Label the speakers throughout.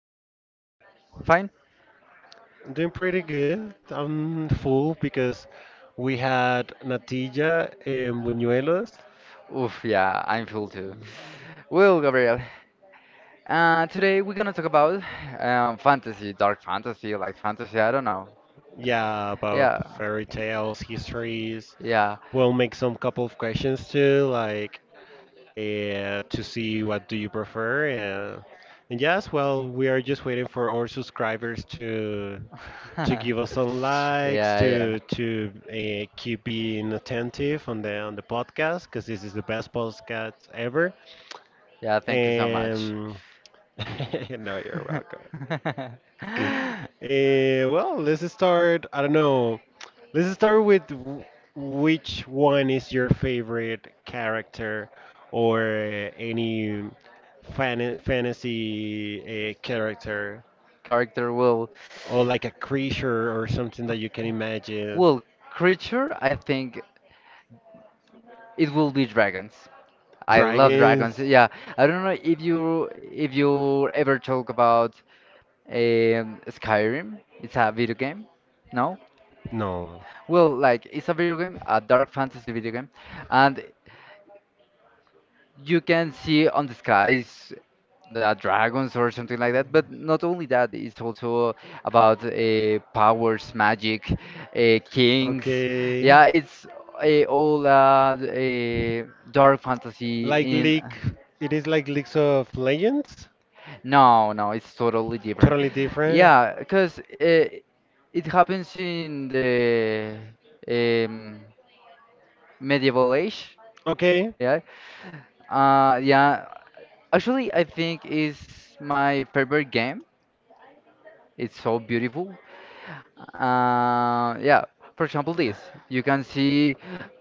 Speaker 1: how are you today? Fine?
Speaker 2: I'm doing pretty good. I'm full because we had Natilla and Buñuelos.
Speaker 1: Oof, yeah, I'm full too. Well, Gabriel, today we're gonna talk about fantasy, dark fantasy, like fantasy, I don't know.
Speaker 2: Yeah, about
Speaker 1: Yeah,
Speaker 2: fairy tales, histories.
Speaker 1: yeah.
Speaker 2: We'll make some couple of questions too, like to see what do you prefer. And yes, well, we are just waiting for our subscribers to give us some likes,
Speaker 1: Yeah, yeah.
Speaker 2: to keep being attentive on the podcast, because this is the best podcast ever.
Speaker 1: Yeah, thank you so
Speaker 2: Um,
Speaker 1: much.
Speaker 2: no, you're welcome. Well, let's start. I don't know. Let's start with which one is your favorite character, or any fantasy character,
Speaker 1: Character will.
Speaker 2: or like a creature or something that you can imagine.
Speaker 1: Well, creature, I think it will be dragons. I love
Speaker 2: Dragons?
Speaker 1: dragons. Yeah, I don't know if you ever talk about Skyrim. It's a video game. No?
Speaker 2: No.
Speaker 1: Well, like it's a video game, a dark fantasy video game, and you can see on the skies the dragons or something like that. But not only that, it's also about powers, magic, kings.
Speaker 2: Okay.
Speaker 1: Yeah, it's a all a dark fantasy
Speaker 2: Like
Speaker 1: in.
Speaker 2: League, it is like Leagues of Legends.
Speaker 1: No, no, it's totally different.
Speaker 2: Totally different.
Speaker 1: Yeah, because it happens in the um, medieval age.
Speaker 2: Okay.
Speaker 1: Yeah. Yeah. Actually, I think is my favorite game. It's so beautiful. Yeah. For example, this you can see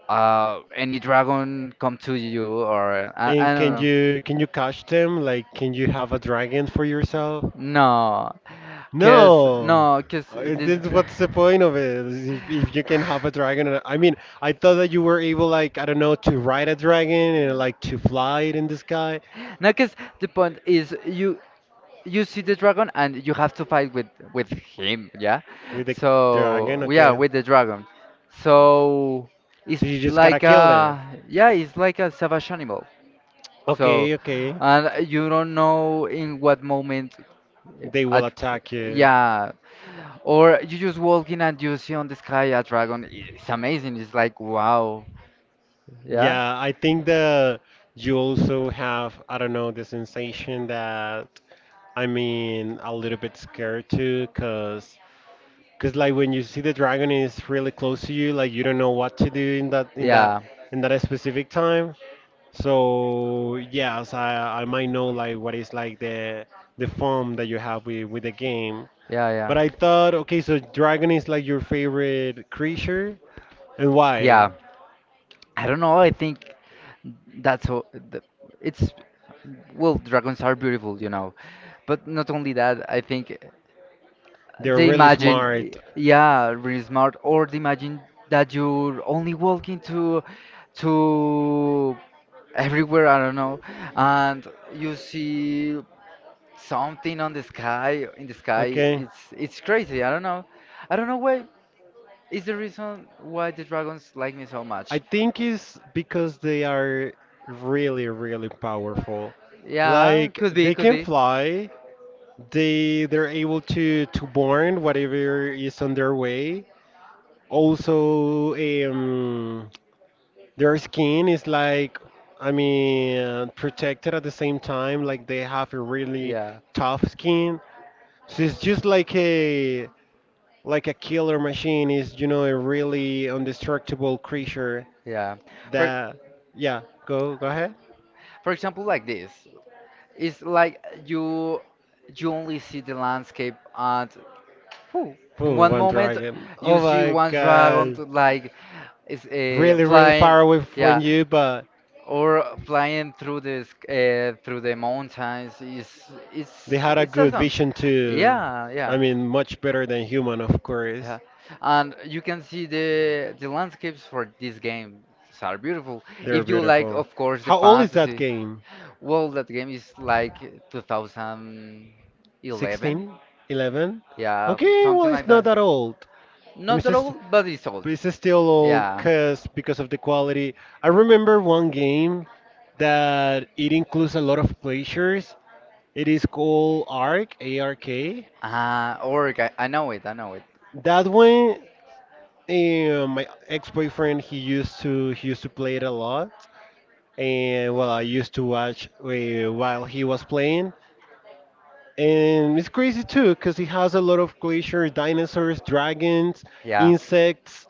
Speaker 1: any dragon come to you, or I
Speaker 2: And
Speaker 1: don't
Speaker 2: can
Speaker 1: know.
Speaker 2: you can you catch them? Like, can you have a dragon for yourself?
Speaker 1: No, cause
Speaker 2: No.
Speaker 1: no, cause
Speaker 2: And
Speaker 1: this.
Speaker 2: then what's the point of it? If you can have a dragon, I mean, I thought that you were able, like, I don't know, to ride a dragon and like to fly it in the sky
Speaker 1: No, cause the point is you see the dragon and you have to fight with him. Yeah,
Speaker 2: with the
Speaker 1: so
Speaker 2: dragon.
Speaker 1: yeah,
Speaker 2: Okay.
Speaker 1: with the dragon. So it's
Speaker 2: So you just gotta
Speaker 1: like
Speaker 2: kill it.
Speaker 1: a, yeah, it's like a savage animal. So
Speaker 2: Okay, okay.
Speaker 1: and you don't know in what moment eh,
Speaker 2: They
Speaker 1: a,
Speaker 2: will
Speaker 1: dr-
Speaker 2: attack you.
Speaker 1: yeah, or you just walk in and you see on the sky a dragon. It's amazing. It's like wow. Yeah,
Speaker 2: Yeah, I think that you also have, I don't know, the sensation that, I mean, a little bit scared too, 'cause Because like when you see the dragon is really close to you, like you don't know what to do in that in that
Speaker 1: yeah.
Speaker 2: in that specific time. So yes, I might know like what is like the form that you have with the game.
Speaker 1: Yeah,
Speaker 2: But
Speaker 1: yeah.
Speaker 2: I thought, okay, so dragon is like your favorite creature, and why?
Speaker 1: Yeah, I don't know. I think that's all. The, it's, well, dragons are beautiful. But not only that, I think
Speaker 2: They're
Speaker 1: they
Speaker 2: really
Speaker 1: imagine,
Speaker 2: smart.
Speaker 1: yeah, really smart, or they imagine that you're only walking to everywhere. I don't know, and you see something on the sky
Speaker 2: Okay.
Speaker 1: It's crazy. I don't know. I don't know why is the reason why the dragons like me so much.
Speaker 2: I think it's because they are really, really powerful.
Speaker 1: Yeah,
Speaker 2: Like,
Speaker 1: could be,
Speaker 2: they
Speaker 1: could
Speaker 2: can
Speaker 1: be.
Speaker 2: fly, they're able to burn whatever is on their way. Also, um, their skin is like, I mean, protected at the same time. Like they have a really
Speaker 1: Yeah,
Speaker 2: tough skin, so it's just like a killer machine is, a really indestructible creature
Speaker 1: yeah. for
Speaker 2: that, yeah, go ahead.
Speaker 1: for example, like this, it's like you only see the landscape and, whew, in
Speaker 2: Boom,
Speaker 1: one
Speaker 2: one
Speaker 1: moment
Speaker 2: dragon.
Speaker 1: you
Speaker 2: Oh
Speaker 1: see
Speaker 2: my
Speaker 1: one dragon
Speaker 2: god.
Speaker 1: to, like. It's
Speaker 2: Really, really
Speaker 1: flying,
Speaker 2: far away
Speaker 1: yeah,
Speaker 2: from you, but
Speaker 1: or flying through through the mountains. It's it's
Speaker 2: they had a
Speaker 1: it's
Speaker 2: good
Speaker 1: awesome.
Speaker 2: vision too.
Speaker 1: Yeah, yeah,
Speaker 2: I mean, much better than human, of course.
Speaker 1: yeah. And you can see the landscapes for this game are beautiful.
Speaker 2: They're
Speaker 1: If you like, of
Speaker 2: beautiful.
Speaker 1: course, the
Speaker 2: How old is that
Speaker 1: fantasy.
Speaker 2: game?
Speaker 1: Well, that game is like 2011,
Speaker 2: 16? 11?
Speaker 1: yeah,
Speaker 2: Okay, well,
Speaker 1: something
Speaker 2: it's
Speaker 1: like
Speaker 2: not
Speaker 1: that.
Speaker 2: that old. I mean,
Speaker 1: Not that old, but it's old.
Speaker 2: but it's still old
Speaker 1: Yeah.
Speaker 2: because of the quality. I remember one game that it includes a lot of pleasures. It is called ARK, ARK.
Speaker 1: Ah, Orc, I know it, I know it.
Speaker 2: That one, my ex-boyfriend, he used to play it a lot. And well, I used to watch, while he was playing. And it's crazy too, because he has a lot of glaciers, dinosaurs, dragons,
Speaker 1: Yeah.
Speaker 2: insects.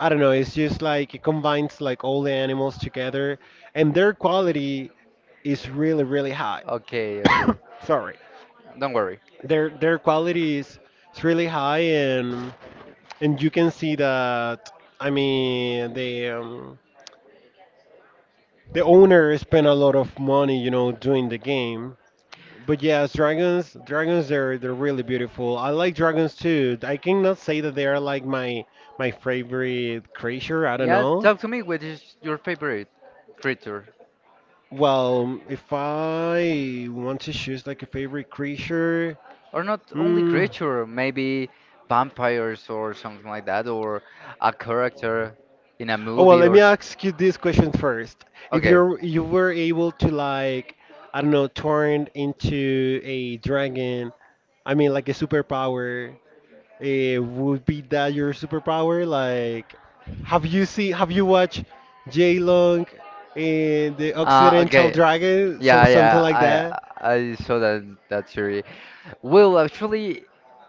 Speaker 2: I don't know, it's just like it combines like all the animals together, and their quality is really, really high.
Speaker 1: Okay, okay.
Speaker 2: Sorry,
Speaker 1: Don't worry.
Speaker 2: their quality is really high, and you can see that. I mean, the owner spent a lot of money, doing the game. But yes, dragons, they're really beautiful. I like dragons too. I cannot say that they are like my favorite creature. I don't
Speaker 1: Yeah,
Speaker 2: know.
Speaker 1: talk to me. What is your favorite creature?
Speaker 2: Well, if I want to choose like a favorite creature,
Speaker 1: Or not only
Speaker 2: hmm.
Speaker 1: creature, maybe vampires or something like that, or a character in a
Speaker 2: Oh well,
Speaker 1: movie
Speaker 2: let
Speaker 1: or.
Speaker 2: me
Speaker 1: s-
Speaker 2: ask you this question first. If
Speaker 1: Okay.
Speaker 2: you were able to, like, I don't know, turn into a dragon, I mean like a superpower, would be that your superpower? Like, have you watched Jay Long and The Occidental
Speaker 1: Okay.
Speaker 2: Dragon? So
Speaker 1: Yeah,
Speaker 2: something
Speaker 1: yeah,
Speaker 2: like that.
Speaker 1: I saw that theory. Well, actually,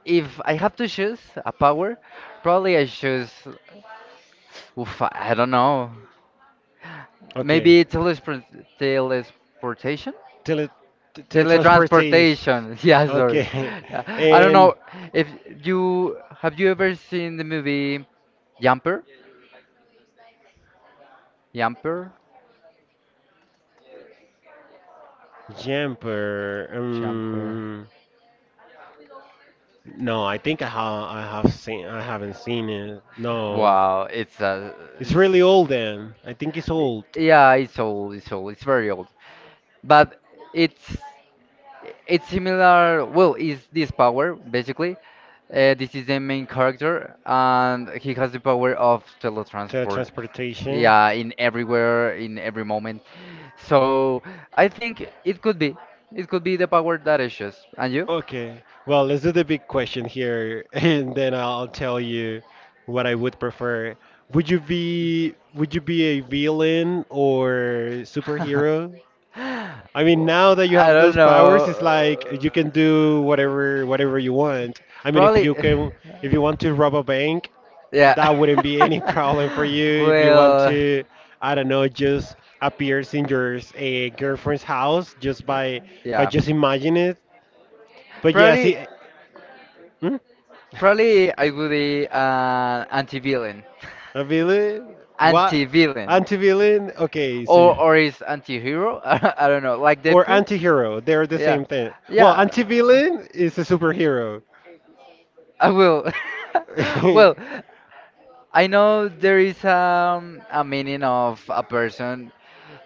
Speaker 1: if I have to choose a power, probably I choose. Oof, I don't know. Maybe
Speaker 2: Okay.
Speaker 1: telesportation.
Speaker 2: Tele, Teletransportation.
Speaker 1: Teletransportation. Yeah, sorry.
Speaker 2: Okay.
Speaker 1: Yeah. I don't
Speaker 2: And
Speaker 1: know if you ever seen the movie Jumper? Jumper?
Speaker 2: Jumper.
Speaker 1: Jumper.
Speaker 2: No, I think I haven't seen it. No,
Speaker 1: Wow,
Speaker 2: it's
Speaker 1: it's,
Speaker 2: really old then. I think it's old.
Speaker 1: yeah, it's old, it's old, it's very old. But it's it's similar. Well, is this power basically, this is the main character and he has the power of teletransport,
Speaker 2: Teletransportation.
Speaker 1: yeah, in everywhere, in every moment. So I think it could be the power that is just, and you.
Speaker 2: Okay. Well, let's do the big question here, and then I'll tell you what I would prefer. Would you be a villain or superhero? I mean, now
Speaker 1: Well,
Speaker 2: that you
Speaker 1: I
Speaker 2: have
Speaker 1: don't
Speaker 2: those powers, it's like
Speaker 1: know,
Speaker 2: you can do whatever you want. I mean,
Speaker 1: probably.
Speaker 2: if you want to rob a bank,
Speaker 1: Yeah.
Speaker 2: that wouldn't be any problem for you. If you want
Speaker 1: Well.
Speaker 2: to, I don't know, just appears in your girlfriend's house just by
Speaker 1: Yeah,
Speaker 2: just imagine it. But yeah, see,
Speaker 1: probably,
Speaker 2: hmm?
Speaker 1: probably I would be an anti-villain,
Speaker 2: A villain? What?
Speaker 1: anti-villain,
Speaker 2: Anti-villain? Okay, so
Speaker 1: or
Speaker 2: you
Speaker 1: or is anti-hero? I don't know, like
Speaker 2: or
Speaker 1: Deadpool.
Speaker 2: anti-hero. They're the
Speaker 1: Yeah,
Speaker 2: same thing. Well,
Speaker 1: yeah,
Speaker 2: anti-villain is a superhero.
Speaker 1: I will. Well, I know there is a meaning of a person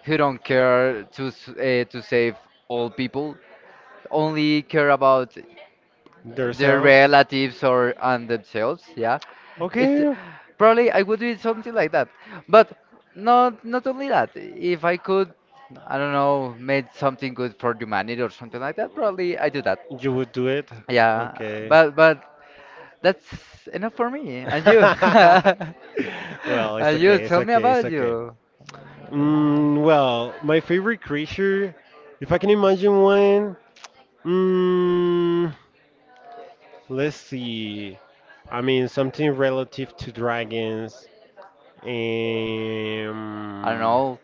Speaker 1: who don't care to to save all people, only care about their
Speaker 2: Yourself.
Speaker 1: relatives or on themselves. Yeah, it's
Speaker 2: Okay.
Speaker 1: probably I would do something like that. But not only that, if I could, I don't know, make something good for humanity or something like that, probably I do that.
Speaker 2: You would do it?
Speaker 1: Yeah,
Speaker 2: Okay.
Speaker 1: but that's enough for me and you.
Speaker 2: Well, it's
Speaker 1: And you
Speaker 2: okay, it's
Speaker 1: tell me
Speaker 2: okay, it's
Speaker 1: about
Speaker 2: okay.
Speaker 1: you.
Speaker 2: Well, my favorite creature, if I can imagine one, mm, let's see. I mean, something relative to dragons.
Speaker 1: I don't
Speaker 2: Um,
Speaker 1: know,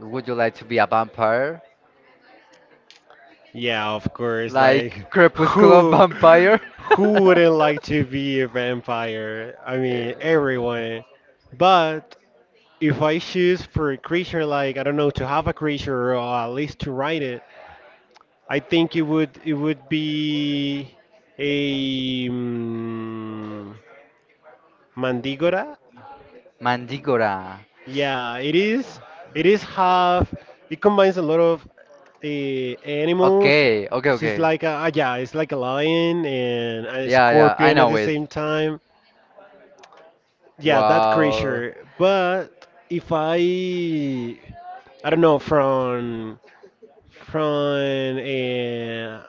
Speaker 1: would you like to be a vampire,
Speaker 2: Yeah, of course. Like,
Speaker 1: like crepuscular
Speaker 2: who
Speaker 1: vampire?
Speaker 2: who wouldn't like to be a vampire? I
Speaker 1: Eh,
Speaker 2: mean, everyone. But if I choose for a creature, like I don't know, to have a creature or at least to write it, I think it would be a mandigora.
Speaker 1: Mandígora.
Speaker 2: Yeah, it is. It is half. It combines a lot of animals.
Speaker 1: Okay, okay,
Speaker 2: So it's
Speaker 1: okay.
Speaker 2: like a, ah, yeah, it's like a lion and a
Speaker 1: Yeah, yeah, I
Speaker 2: scorpion at
Speaker 1: know
Speaker 2: the
Speaker 1: it.
Speaker 2: same time. Yeah, that
Speaker 1: Wow,
Speaker 2: creature. But if I, I don't know, from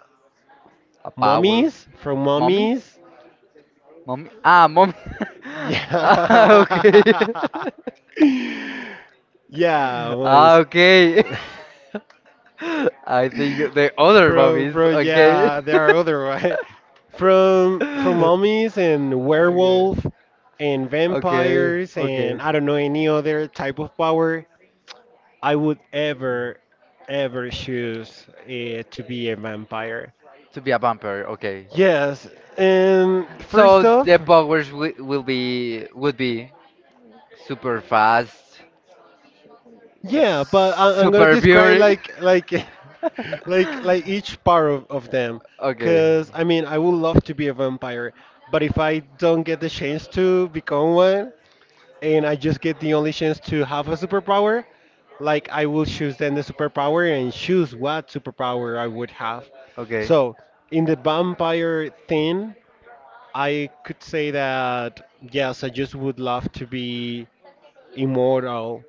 Speaker 1: a power.
Speaker 2: mummies, from
Speaker 1: Mommies?
Speaker 2: mummies.
Speaker 1: Mommy? Ah, mommy. Ah, okay.
Speaker 2: Yeah. Yeah,
Speaker 1: Ah,
Speaker 2: well,
Speaker 1: okay. I think the other
Speaker 2: From
Speaker 1: mommies.
Speaker 2: from
Speaker 1: Okay.
Speaker 2: yeah, there are other, right? From mummies and
Speaker 1: Okay.
Speaker 2: werewolf and
Speaker 1: Okay.
Speaker 2: vampires,
Speaker 1: Okay.
Speaker 2: and I don't know any other type of power. I would ever choose to be a vampire.
Speaker 1: To be a bumper, okay.
Speaker 2: Yes, and first
Speaker 1: So
Speaker 2: off,
Speaker 1: the powers wi- will be would be super fast,
Speaker 2: yeah, but I'm gonna
Speaker 1: super
Speaker 2: describe
Speaker 1: beauty.
Speaker 2: like like each part of them,
Speaker 1: Okay.
Speaker 2: cause I mean I would love to be a vampire, but if I don't get the chance to become one, and I just get the only chance to have a superpower, like I will choose then the superpower and choose what superpower I would have.
Speaker 1: Okay.
Speaker 2: So in the vampire thing, I could say that yes, I just would love to be immortal.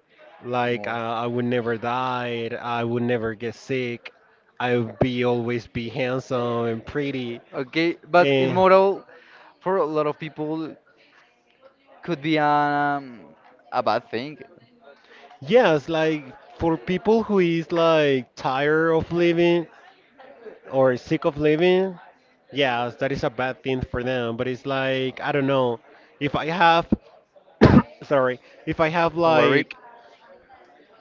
Speaker 2: Like I would never die. I would never get sick. I would be always be handsome and pretty.
Speaker 1: Okay, but
Speaker 2: And
Speaker 1: immortal for a lot of people could be a bad thing. If
Speaker 2: yes, like for people who is like tired of living or sick of living, yes, that is a bad thing for them. But it's like I don't know if I have,
Speaker 1: I
Speaker 2: sorry, if I have
Speaker 1: life worry.
Speaker 2: like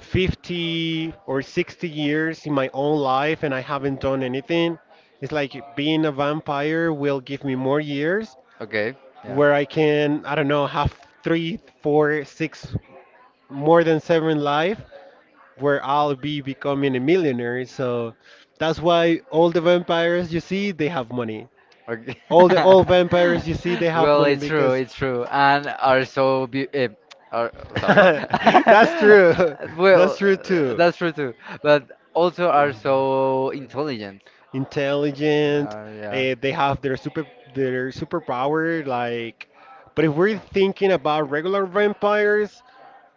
Speaker 2: 50 or 60 years in my own life and I haven't done anything. It's like being a vampire will give me more years
Speaker 1: Okay,
Speaker 2: where I can, I don't know, have three, four, six, more than seven life, where I'll be becoming a millionaire. So that's why all the vampires you see, they have money.
Speaker 1: okay.
Speaker 2: All the old vampires you see, they have
Speaker 1: Well,
Speaker 2: money because
Speaker 1: it's true, and are so be, are sorry.
Speaker 2: that's true. That's
Speaker 1: Well,
Speaker 2: true too.
Speaker 1: that's true too, but also are so intelligent.
Speaker 2: Intelligent.
Speaker 1: Yeah.
Speaker 2: They have their super their superpower. Like, but if we're thinking about regular vampires,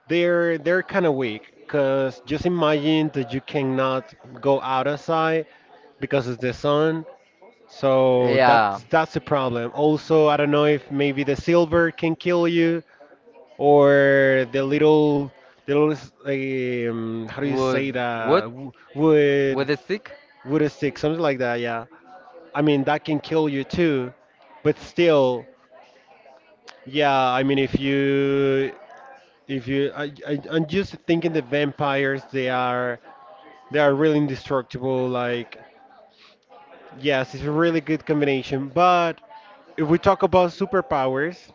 Speaker 2: they're kind of weak. Cause just imagine that you cannot go outside because of the sun. So
Speaker 1: Yeah.
Speaker 2: that's a problem. Also, I don't know if maybe the silver can kill you, or how do you say
Speaker 1: Would
Speaker 2: that,
Speaker 1: what? With a stick?
Speaker 2: Wood stick, something like that, yeah. I mean that can kill you too, but still, yeah, I mean if you I'm just thinking, the vampires, they are really indestructible. Like, yes, it's a really good combination. But if we talk about superpowers,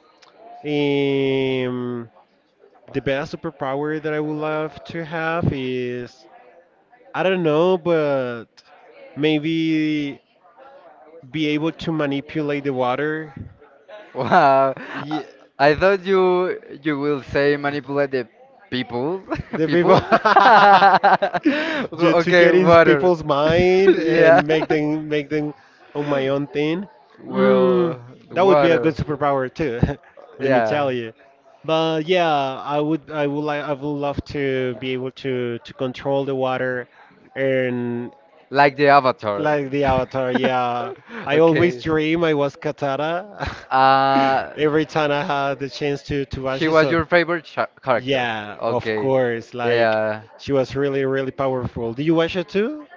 Speaker 2: um the best superpower that I would love to have is, I don't know, but maybe be able to manipulate the water.
Speaker 1: Wow. I
Speaker 2: Yeah,
Speaker 1: I thought you will say manipulate the people.
Speaker 2: the people.
Speaker 1: People?
Speaker 2: Just to
Speaker 1: Okay,
Speaker 2: get in
Speaker 1: water.
Speaker 2: people's mind
Speaker 1: Yeah.
Speaker 2: and make them on my own thing. Mm,
Speaker 1: Well,
Speaker 2: that would be a good
Speaker 1: water.
Speaker 2: superpower too. Let me tell
Speaker 1: Yeah.
Speaker 2: you. But yeah, I would love to be able to control the water, and
Speaker 1: Like the Avatar.
Speaker 2: Like the Avatar, yeah. I always
Speaker 1: Okay.
Speaker 2: dream I was Katara,
Speaker 1: Uh,
Speaker 2: every time I had the chance to watch
Speaker 1: she
Speaker 2: it.
Speaker 1: was
Speaker 2: So
Speaker 1: your favorite character.
Speaker 2: yeah, of
Speaker 1: Okay.
Speaker 2: course. Like
Speaker 1: Yeah.
Speaker 2: she was really, really powerful. Do you watch it too?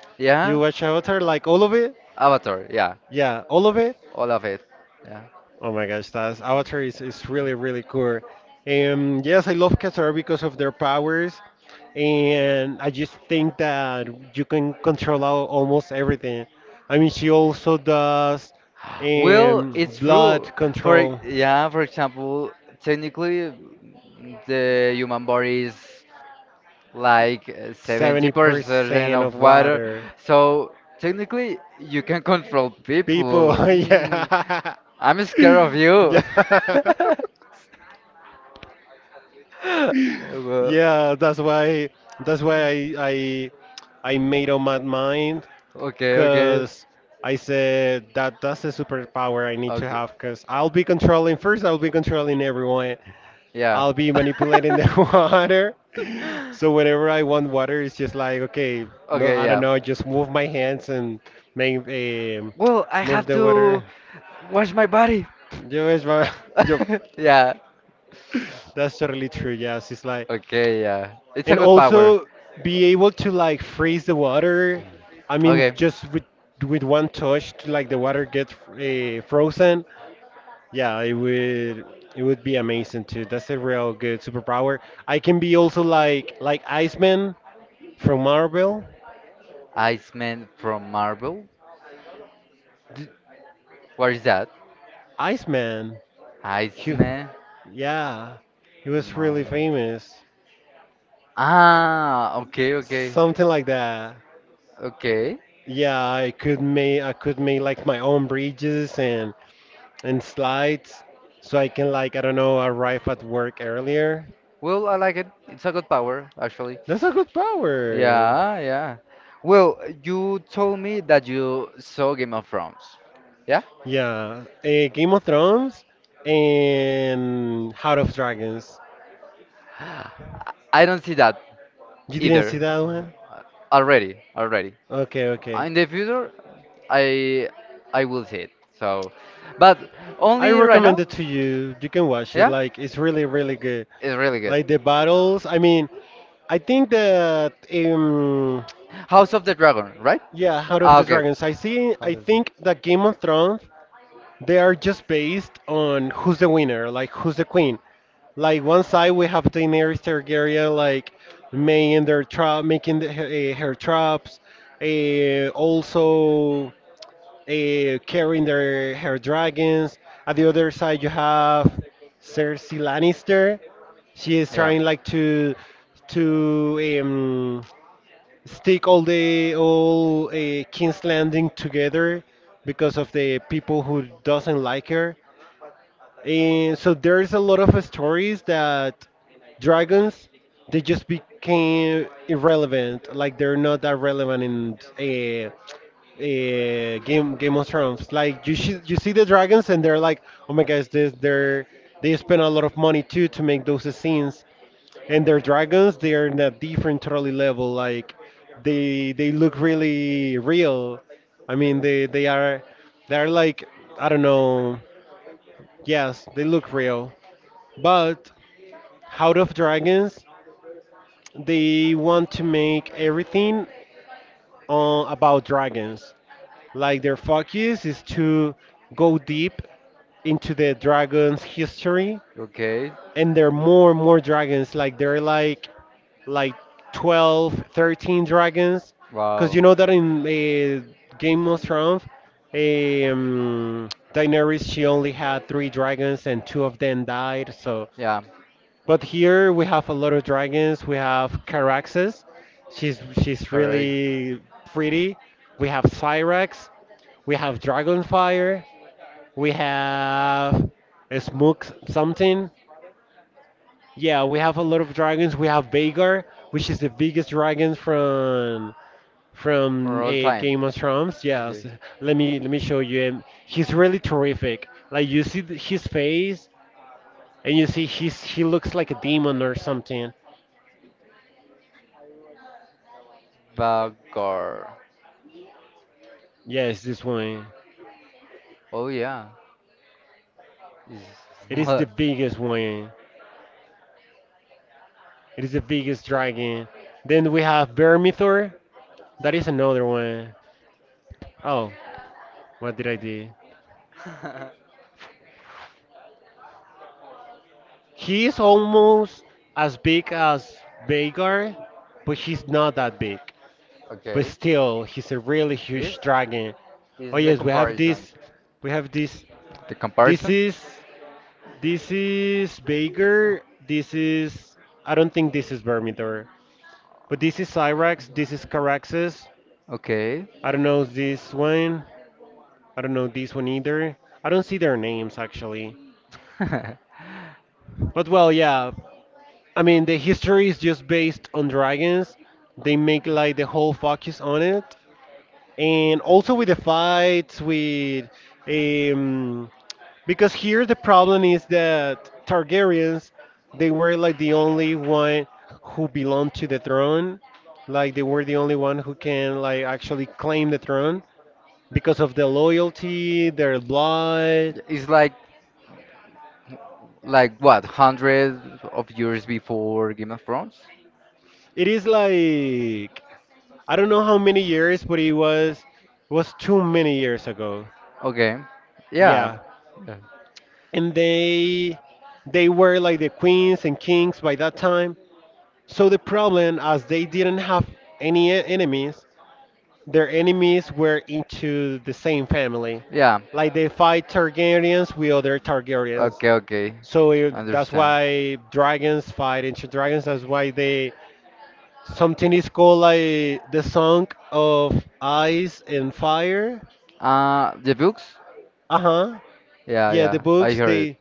Speaker 2: Do
Speaker 1: Yeah.
Speaker 2: you watch Avatar? Like all of it?
Speaker 1: Avatar, yeah,
Speaker 2: Yeah, all of it.
Speaker 1: all of it. Yeah.
Speaker 2: Oh my gosh, that's Avatar is, really, really cool. Yes, I love Katara because of their powers. And I just think that you can control almost everything. I mean, she also does
Speaker 1: Well, it's
Speaker 2: blood
Speaker 1: true.
Speaker 2: control.
Speaker 1: Yeah, for example, technically, the human body is like 70%
Speaker 2: 70%
Speaker 1: of
Speaker 2: of
Speaker 1: water,
Speaker 2: water.
Speaker 1: so technically you can control
Speaker 2: People,
Speaker 1: people. Mm,
Speaker 2: yeah.
Speaker 1: I'm scared of you.
Speaker 2: Yeah.
Speaker 1: Well,
Speaker 2: Yeah, that's why I made up my mind,
Speaker 1: okay, okay,
Speaker 2: because I said that that's a superpower I need to
Speaker 1: okay,
Speaker 2: have. Because I'll be controlling, first, I'll be controlling everyone.
Speaker 1: yeah.
Speaker 2: I'll be manipulating the water. So whenever I want water, it's just like, okay, no,
Speaker 1: Okay,
Speaker 2: I don't
Speaker 1: yeah.
Speaker 2: know, just move my hands and make
Speaker 1: Well, I
Speaker 2: move
Speaker 1: have
Speaker 2: the water.
Speaker 1: to wash my body.
Speaker 2: Yo, es va- yo-
Speaker 1: Yeah.
Speaker 2: That's totally true. Yes, it's like
Speaker 1: Okay, yeah. It's a
Speaker 2: and
Speaker 1: good power.
Speaker 2: also be able to like freeze the water,
Speaker 1: Hmm.
Speaker 2: I mean
Speaker 1: Okay.
Speaker 2: just with one touch to, like the water gets frozen. Yeah, it would, it would be amazing too. That's a real good superpower. I can be also like Iceman from Marvel.
Speaker 1: Iceman from Marvel.
Speaker 2: D-
Speaker 1: What is that?
Speaker 2: Iceman, he,
Speaker 1: Iceman.
Speaker 2: yeah, he was really
Speaker 1: Marvel.
Speaker 2: famous,
Speaker 1: Ah, okay, okay.
Speaker 2: something like that.
Speaker 1: Okay.
Speaker 2: Yeah, I could make like my own bridges and slides, so I can like, I don't know, arrive at work earlier.
Speaker 1: Well, I like it. It's a good power, actually.
Speaker 2: That's a good power.
Speaker 1: Yeah, yeah. Well, you told me that you saw Game of Thrones. Yeah?
Speaker 2: Yeah, Game of Thrones and House of Dragons.
Speaker 1: I I don't see that
Speaker 2: You didn't
Speaker 1: either.
Speaker 2: see that one?
Speaker 1: Already, already.
Speaker 2: Okay, okay.
Speaker 1: In the future, I I will see it. So, but
Speaker 2: I
Speaker 1: only right
Speaker 2: recommend
Speaker 1: now?
Speaker 2: it to you. You can watch it.
Speaker 1: Yeah?
Speaker 2: Like it's really really good.
Speaker 1: It's really
Speaker 2: Like the
Speaker 1: good.
Speaker 2: battles. I mean, I think that
Speaker 1: House of the Dragon, right?
Speaker 2: yeah, House of
Speaker 1: Ah,
Speaker 2: the
Speaker 1: okay.
Speaker 2: Dragons, I see.
Speaker 1: House
Speaker 2: I
Speaker 1: of the-
Speaker 2: think that Game of Thrones, they are just based on who's the winner, like who's the queen. Like one side we have Daenerys Targaryen, like making their trap, making her traps, also carrying their her dragons. At the other side you have Cersei Lannister. She is
Speaker 1: Yeah.
Speaker 2: trying like to to um, stick all King's Landing together because of the people who doesn't like her. And so there's a lot of stories that dragons, they just became irrelevant. Like they're not that relevant in Game of Thrones. Like you see the dragons and they're like, oh my gosh, this they're they spend a lot of money too to make those scenes, and their dragons, they are in a different totally level. Like they look really real. I mean they are, they are like, I don't know. Yes, they look real. But House of Dragons, they want to make everything about dragons. Like their focus is to go deep into the dragon's history,
Speaker 1: Okay.
Speaker 2: and there are more and more dragons. Like there are like 12, 13 dragons, because
Speaker 1: Wow.
Speaker 2: you know that in Game of Thrones, um, Daenerys, she only had three dragons, and two of them died. So
Speaker 1: Yeah.
Speaker 2: but here we have a lot of dragons. We have Caraxes. She's
Speaker 1: Correct.
Speaker 2: really pretty. We have Cyrax. We have Dragonfire. We have a Smook something. Yeah, we have a lot of dragons. We have Vagar, which is the biggest dragon from
Speaker 1: For all
Speaker 2: a
Speaker 1: time.
Speaker 2: Game of Thrones. Yes,
Speaker 1: Okay.
Speaker 2: let me show you him. He's really terrific. Like you see his face, and you see he looks like a demon or something.
Speaker 1: Bagger.
Speaker 2: Yes, this one.
Speaker 1: Oh yeah. Is
Speaker 2: It is the
Speaker 1: what?
Speaker 2: biggest one. It is the biggest dragon. Then we have Vermithor. That is another one. Oh, what did I do? He is almost as big as Vagar, but he's not that big. But
Speaker 1: okay.
Speaker 2: still, he's a really
Speaker 1: This
Speaker 2: huge dragon. Oh
Speaker 1: is the
Speaker 2: yes, we have
Speaker 1: comparison.
Speaker 2: this. We have this.
Speaker 1: The
Speaker 2: This
Speaker 1: comparison?
Speaker 2: is Vagar. This is, I don't think this is Vermithor, but this is Cyrax. This is Caraxes.
Speaker 1: Okay.
Speaker 2: I don't know this one. I don't know this one either. I don't see their names actually. But well, yeah. I mean, the history is just based on dragons. They make like the whole focus on it, and also with the fights with um because here the problem is that Targaryens, they were like the only one who belonged to the throne. Like they were the only one who can like actually claim the throne because of the loyalty, their blood.
Speaker 1: Yeah, it's like what, hundreds of years before Game of Thrones?
Speaker 2: It is like, I don't know how many years, but it was too many years ago.
Speaker 1: Okay. Yeah.
Speaker 2: Yeah, and they were like the queens and kings by that time. So the problem, as they didn't have any enemies, their enemies were into the same family.
Speaker 1: Yeah.
Speaker 2: Like they fight Targaryens with other Targaryens.
Speaker 1: Okay, okay.
Speaker 2: So that's
Speaker 1: Understand.
Speaker 2: why dragons fight into dragons. That's why they, something is called like the Song of Ice and Fire.
Speaker 1: The books?
Speaker 2: Uh huh.
Speaker 1: Yeah,
Speaker 2: Yeah, the
Speaker 1: yeah. I
Speaker 2: books,
Speaker 1: heard it.
Speaker 2: they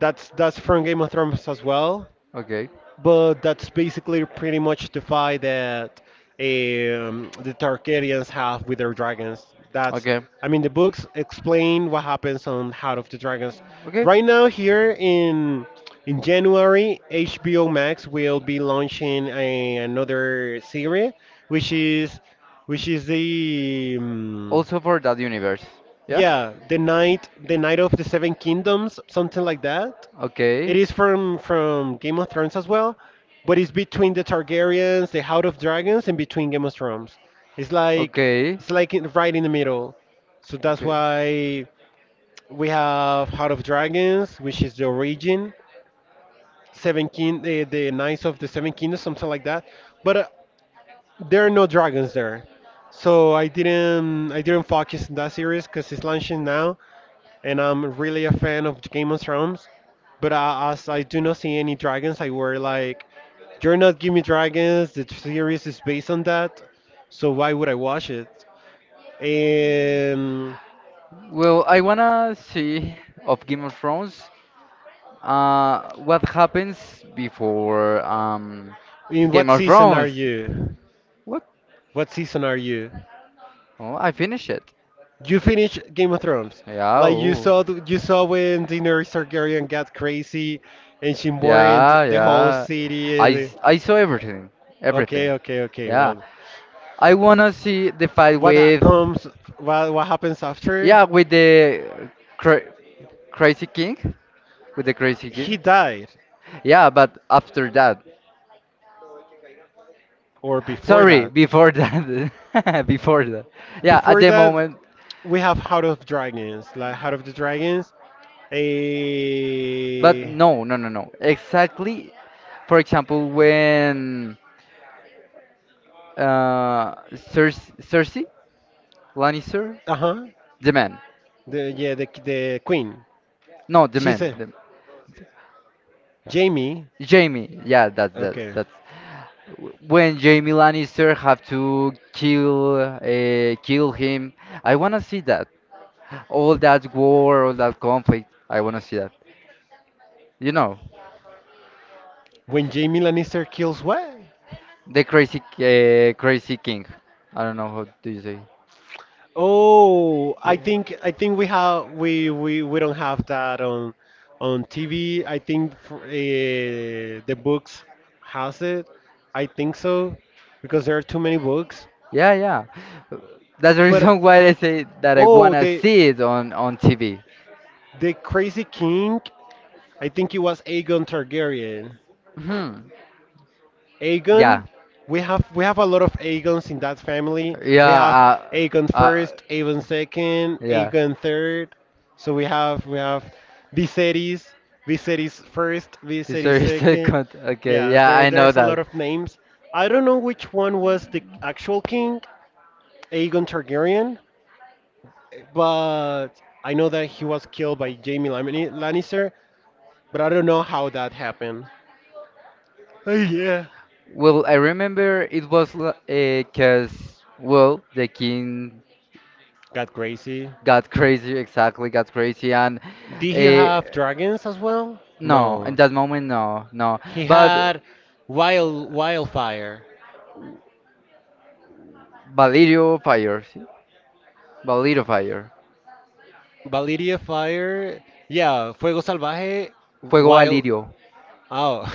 Speaker 2: that's from Game of Thrones as well.
Speaker 1: Okay.
Speaker 2: But that's basically pretty much the fight that the Targaryens have with their dragons. That's,
Speaker 1: Okay.
Speaker 2: I mean, the books explain what happens on Heart of the Dragons. Right now, here in January, HBO Max will be launching a, another series, which is which is the
Speaker 1: Also for that universe.
Speaker 2: yeah, the night of the Seven Kingdoms, something like that.
Speaker 1: But okay.
Speaker 2: It is from Game of Thrones as well,
Speaker 1: It's
Speaker 2: but it's between the Targaryens, the House of Dragons, and between Game of Thrones. It's like
Speaker 1: okay.
Speaker 2: it's like in, right in the middle. So that's why we have House of Dragons, which is the origin, the Knights of the Seven Kingdoms, something like that. But there are no dragons there, so I didn't focus on that series because it's launching now and I'm really a fan of Game of Thrones. But as I do not see any dragons, I were like, "You're not giving me dragons. The series is based on that, so why would I watch it?" And
Speaker 1: Well, I wanna see of Game of Thrones. What happens before
Speaker 2: in what
Speaker 1: Game of
Speaker 2: season are
Speaker 1: Thrones?
Speaker 2: you?
Speaker 1: What?
Speaker 2: What season are you?
Speaker 1: Oh, I finished it.
Speaker 2: You finished Game of Thrones.
Speaker 1: Yeah.
Speaker 2: Like you
Speaker 1: Oh.
Speaker 2: saw, you saw when Daenerys Targaryen got crazy, and she burned
Speaker 1: Yeah,
Speaker 2: the whole
Speaker 1: yeah.
Speaker 2: city. And
Speaker 1: I saw everything, everything.
Speaker 2: okay, okay, okay.
Speaker 1: Yeah,
Speaker 2: Well,
Speaker 1: I wanna see the fight
Speaker 2: what
Speaker 1: with,
Speaker 2: comes? What happens after?
Speaker 1: yeah, with the cra- crazy king with the crazy
Speaker 2: He
Speaker 1: king.
Speaker 2: died,
Speaker 1: Yeah, but after that,
Speaker 2: or before
Speaker 1: sorry,
Speaker 2: that.
Speaker 1: before that, before that. Yeah, at
Speaker 2: Before
Speaker 1: the
Speaker 2: that,
Speaker 1: moment.
Speaker 2: we have House of Dragons. Like House of the Dragons,
Speaker 1: But
Speaker 2: a
Speaker 1: no, no, no, no. Exactly. For example, when uh, Cersei Lannister,
Speaker 2: uh huh.
Speaker 1: the man.
Speaker 2: The Yeah, the queen.
Speaker 1: No, the
Speaker 2: She's
Speaker 1: man.
Speaker 2: a
Speaker 1: The,
Speaker 2: Jamie.
Speaker 1: Jamie. Yeah, that's that.
Speaker 2: Okay.
Speaker 1: That's when Jamie Lannister have to kill him. I wanna see that. All that war, all that conflict. I wanna see that. You know,
Speaker 2: When Jamie Lannister kills what?
Speaker 1: the crazy king. I don't know how do you say.
Speaker 2: Oh,
Speaker 1: Yeah.
Speaker 2: I think we don't have that on TV. I think the books has it. I think so because there are too many books.
Speaker 1: Yeah, yeah. That's the
Speaker 2: But
Speaker 1: reason why I say that I
Speaker 2: oh,
Speaker 1: wanna
Speaker 2: the
Speaker 1: see it on TV.
Speaker 2: Crazy King. I think it was Aegon Targaryen.
Speaker 1: Hmm. Yeah.
Speaker 2: Aegon. We have a lot of Aegons in that family.
Speaker 1: Yeah.
Speaker 2: We have Aegon
Speaker 1: Uh,
Speaker 2: first, Aegon second,
Speaker 1: yeah.
Speaker 2: Aegon third. So we have Viserys, Viserys first,
Speaker 1: This
Speaker 2: Viserys
Speaker 1: is
Speaker 2: second.
Speaker 1: second. Okay.
Speaker 2: Yes,
Speaker 1: Yeah, I know
Speaker 2: there's a lot
Speaker 1: that.
Speaker 2: of names. I don't know which one was the actual king, Aegon Targaryen, but I know that he was killed by Jaime Lannister, but I don't know how that happened. Oh yeah.
Speaker 1: Well, I remember it was because, well, the king
Speaker 2: Got crazy.
Speaker 1: got crazy. Exactly, got crazy, and
Speaker 2: Did he
Speaker 1: uh,
Speaker 2: have dragons as well?
Speaker 1: no, in
Speaker 2: No.
Speaker 1: that moment, no, no.
Speaker 2: He
Speaker 1: But
Speaker 2: had wildfire.
Speaker 1: Valirio Fire, ¿sí? Valirio Fire.
Speaker 2: Valeria Fire. Yeah, Fuego Salvaje.
Speaker 1: Fuego
Speaker 2: Wild.
Speaker 1: Valirio.
Speaker 2: Oh.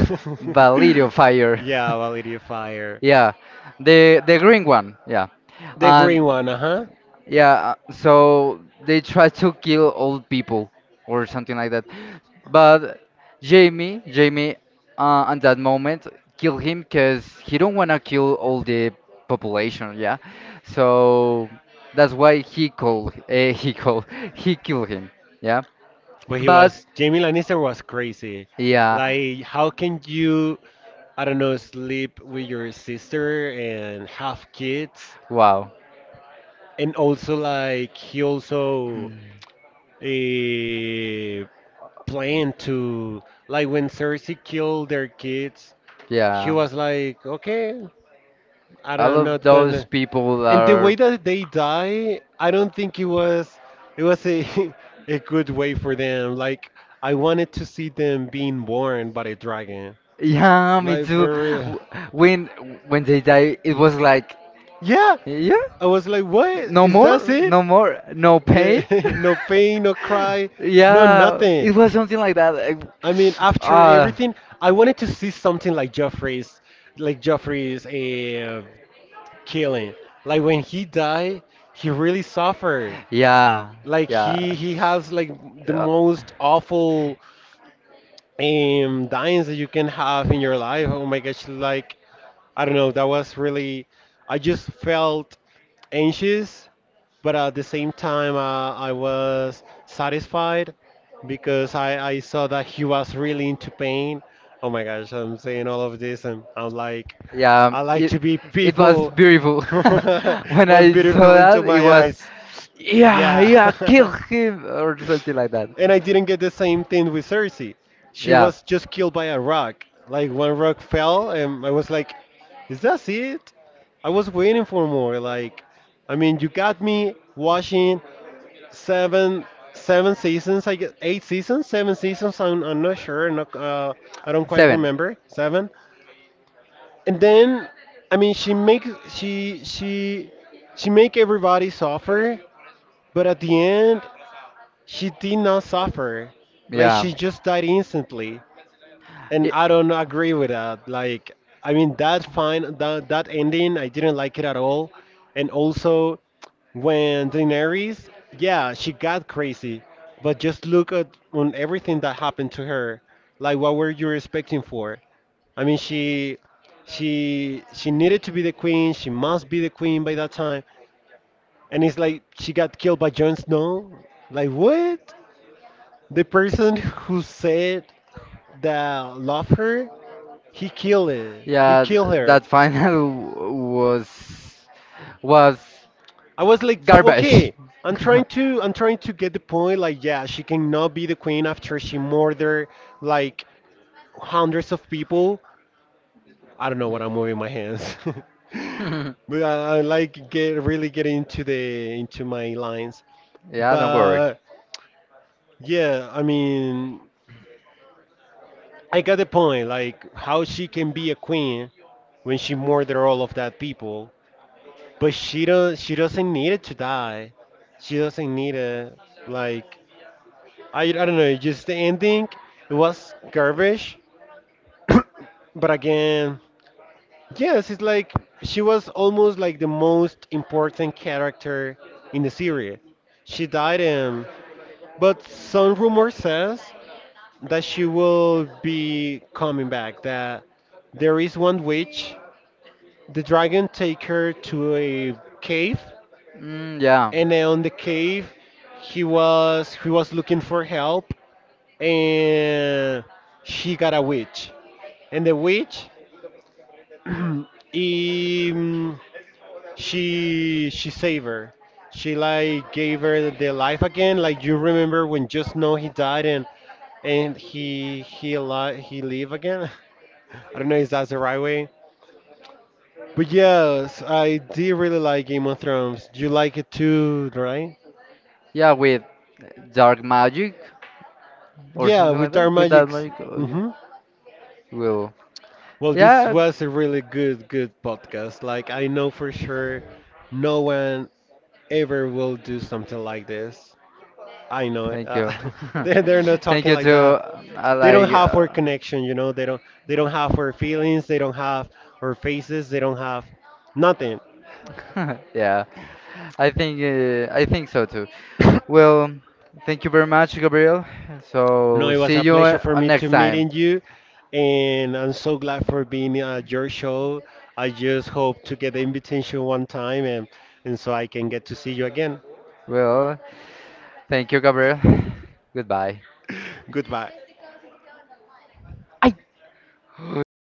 Speaker 1: Valirio Fire.
Speaker 2: yeah, Valeria Fire.
Speaker 1: Yeah, the green one. Yeah,
Speaker 2: The green
Speaker 1: and
Speaker 2: one, uh huh.
Speaker 1: yeah, so they try to kill old people or something like that. But Jamie, at that moment, kill him because he don't wanna kill all the population. Yeah, so that's why he called. He called. He killed him. Yeah,
Speaker 2: But he
Speaker 1: but
Speaker 2: was, Jamie Lannister was crazy.
Speaker 1: yeah,
Speaker 2: Like, how can you, I don't know, sleep with your sister and have kids?
Speaker 1: wow.
Speaker 2: And also, like, he also
Speaker 1: Hmm,
Speaker 2: uh, plan to, like when Cersei killed their kids, he
Speaker 1: yeah.
Speaker 2: was like, okay,
Speaker 1: All
Speaker 2: I'm
Speaker 1: of
Speaker 2: not
Speaker 1: those
Speaker 2: gonna.
Speaker 1: people
Speaker 2: And the
Speaker 1: are.
Speaker 2: way that they die, I don't think it was, it was a a good way for them. Like I wanted to see them being born by a dragon.
Speaker 1: Yeah, me
Speaker 2: Like
Speaker 1: too.
Speaker 2: for real.
Speaker 1: W- When when they die, it was like,
Speaker 2: Yeah,
Speaker 1: yeah,
Speaker 2: I was like, what?
Speaker 1: no
Speaker 2: Is that
Speaker 1: more,
Speaker 2: it?
Speaker 1: no more, no pain.
Speaker 2: Yeah, no pain, no cry, no
Speaker 1: Yeah,
Speaker 2: nothing.
Speaker 1: it was something like that. Like,
Speaker 2: I mean, after
Speaker 1: Uh,
Speaker 2: everything, I wanted to see something like Joffrey's killing. Like when he died, he really suffered.
Speaker 1: yeah,
Speaker 2: Like he
Speaker 1: yeah.
Speaker 2: he has like the
Speaker 1: Yeah.
Speaker 2: most awful dyings that you can have in your life. Oh my gosh! Like I don't know, that was really. I just felt anxious but at the same time, I was satisfied because I saw that he was really into pain. Oh my gosh, I'm saying all of this and I'm like,
Speaker 1: Yeah,
Speaker 2: I like
Speaker 1: it
Speaker 2: to be
Speaker 1: it was
Speaker 2: people.
Speaker 1: beautiful. When
Speaker 2: Was
Speaker 1: I saw
Speaker 2: beautiful into
Speaker 1: that, it
Speaker 2: my
Speaker 1: was,
Speaker 2: eyes.
Speaker 1: yeah, yeah, kill
Speaker 2: Yeah.
Speaker 1: him or something like that.
Speaker 2: And I didn't get the same thing with Cersei. She
Speaker 1: Yeah,
Speaker 2: was just killed by a rock. Like one rock fell and I was like, is that it? I was waiting for more. Like I mean, you got me watching seven, seven seasons, I guess. Eight seasons, seven seasons, I'm not sure. not, I don't quite
Speaker 1: seven.
Speaker 2: remember. Seven, and then I mean she make everybody suffer, but at the end she did not suffer. Like
Speaker 1: Yeah.
Speaker 2: she just died instantly, and
Speaker 1: Ye-
Speaker 2: I don't agree with that. Like, I mean that fine, that ending, I didn't like it at all. And also when Daenerys, yeah, she got crazy, but just look at on everything that happened to her. Like, what were you expecting for? I mean, she needed to be the queen. She must be the queen by that time. And it's like she got killed by Jon Snow. Like, what? The person who said that love her, he killed it. He
Speaker 1: yeah,
Speaker 2: killed her.
Speaker 1: that final was was
Speaker 2: I was like,
Speaker 1: garbage.
Speaker 2: okay, I'm trying to get the point. Like, yeah, she cannot be the queen after she murdered like hundreds of people. I don't know what, I'm moving my hands, but I like get really get into the into my lines.
Speaker 1: Yeah, don't worry.
Speaker 2: But yeah, I mean, I got the point. Like, how she can be a queen when she murdered all of that people, but she doesn't need it to die. She doesn't need it. Like, I don't know, just the ending, it was garbage. But again, yes, it's like she was almost like the most important character in the series. She died but some rumor says that she will be coming back, that there is one witch. The dragon take her to a cave,
Speaker 1: Mm, yeah,
Speaker 2: and then on the cave he was looking for help, and she got a witch, and the witch um, she saved her. She like gave her the life again, like you remember when just know he died, and he live again. I don't know if that's the right way, but yes, I did really like Game of Thrones. You like it too, right?
Speaker 1: yeah, with dark magic or
Speaker 2: Yeah,
Speaker 1: something
Speaker 2: with
Speaker 1: like that.
Speaker 2: dark
Speaker 1: With that
Speaker 2: magics.
Speaker 1: magic, okay.
Speaker 2: Mm-hmm.
Speaker 1: Well,
Speaker 2: Well, this
Speaker 1: yeah,
Speaker 2: was a really good, good podcast. Like, I know for sure no one ever will do something like this. I know it.
Speaker 1: thank you,
Speaker 2: They're not
Speaker 1: thank
Speaker 2: talking
Speaker 1: you
Speaker 2: like
Speaker 1: to
Speaker 2: that.
Speaker 1: I
Speaker 2: They don't
Speaker 1: like.
Speaker 2: have our connection, you know. They don't have our feelings. They don't have our faces. They don't have nothing.
Speaker 1: Yeah, I think I think so too. Well, thank you very much, Gabriel.
Speaker 2: No,
Speaker 1: So
Speaker 2: it was
Speaker 1: see
Speaker 2: a
Speaker 1: you
Speaker 2: pleasure for me to
Speaker 1: next time.
Speaker 2: meeting you, and I'm so glad for being at your show. I just hope to get the invitation one time, and so I can get to see you again.
Speaker 1: Well, thank you, Gabriel. Goodbye.
Speaker 2: Goodbye.
Speaker 1: I Oi.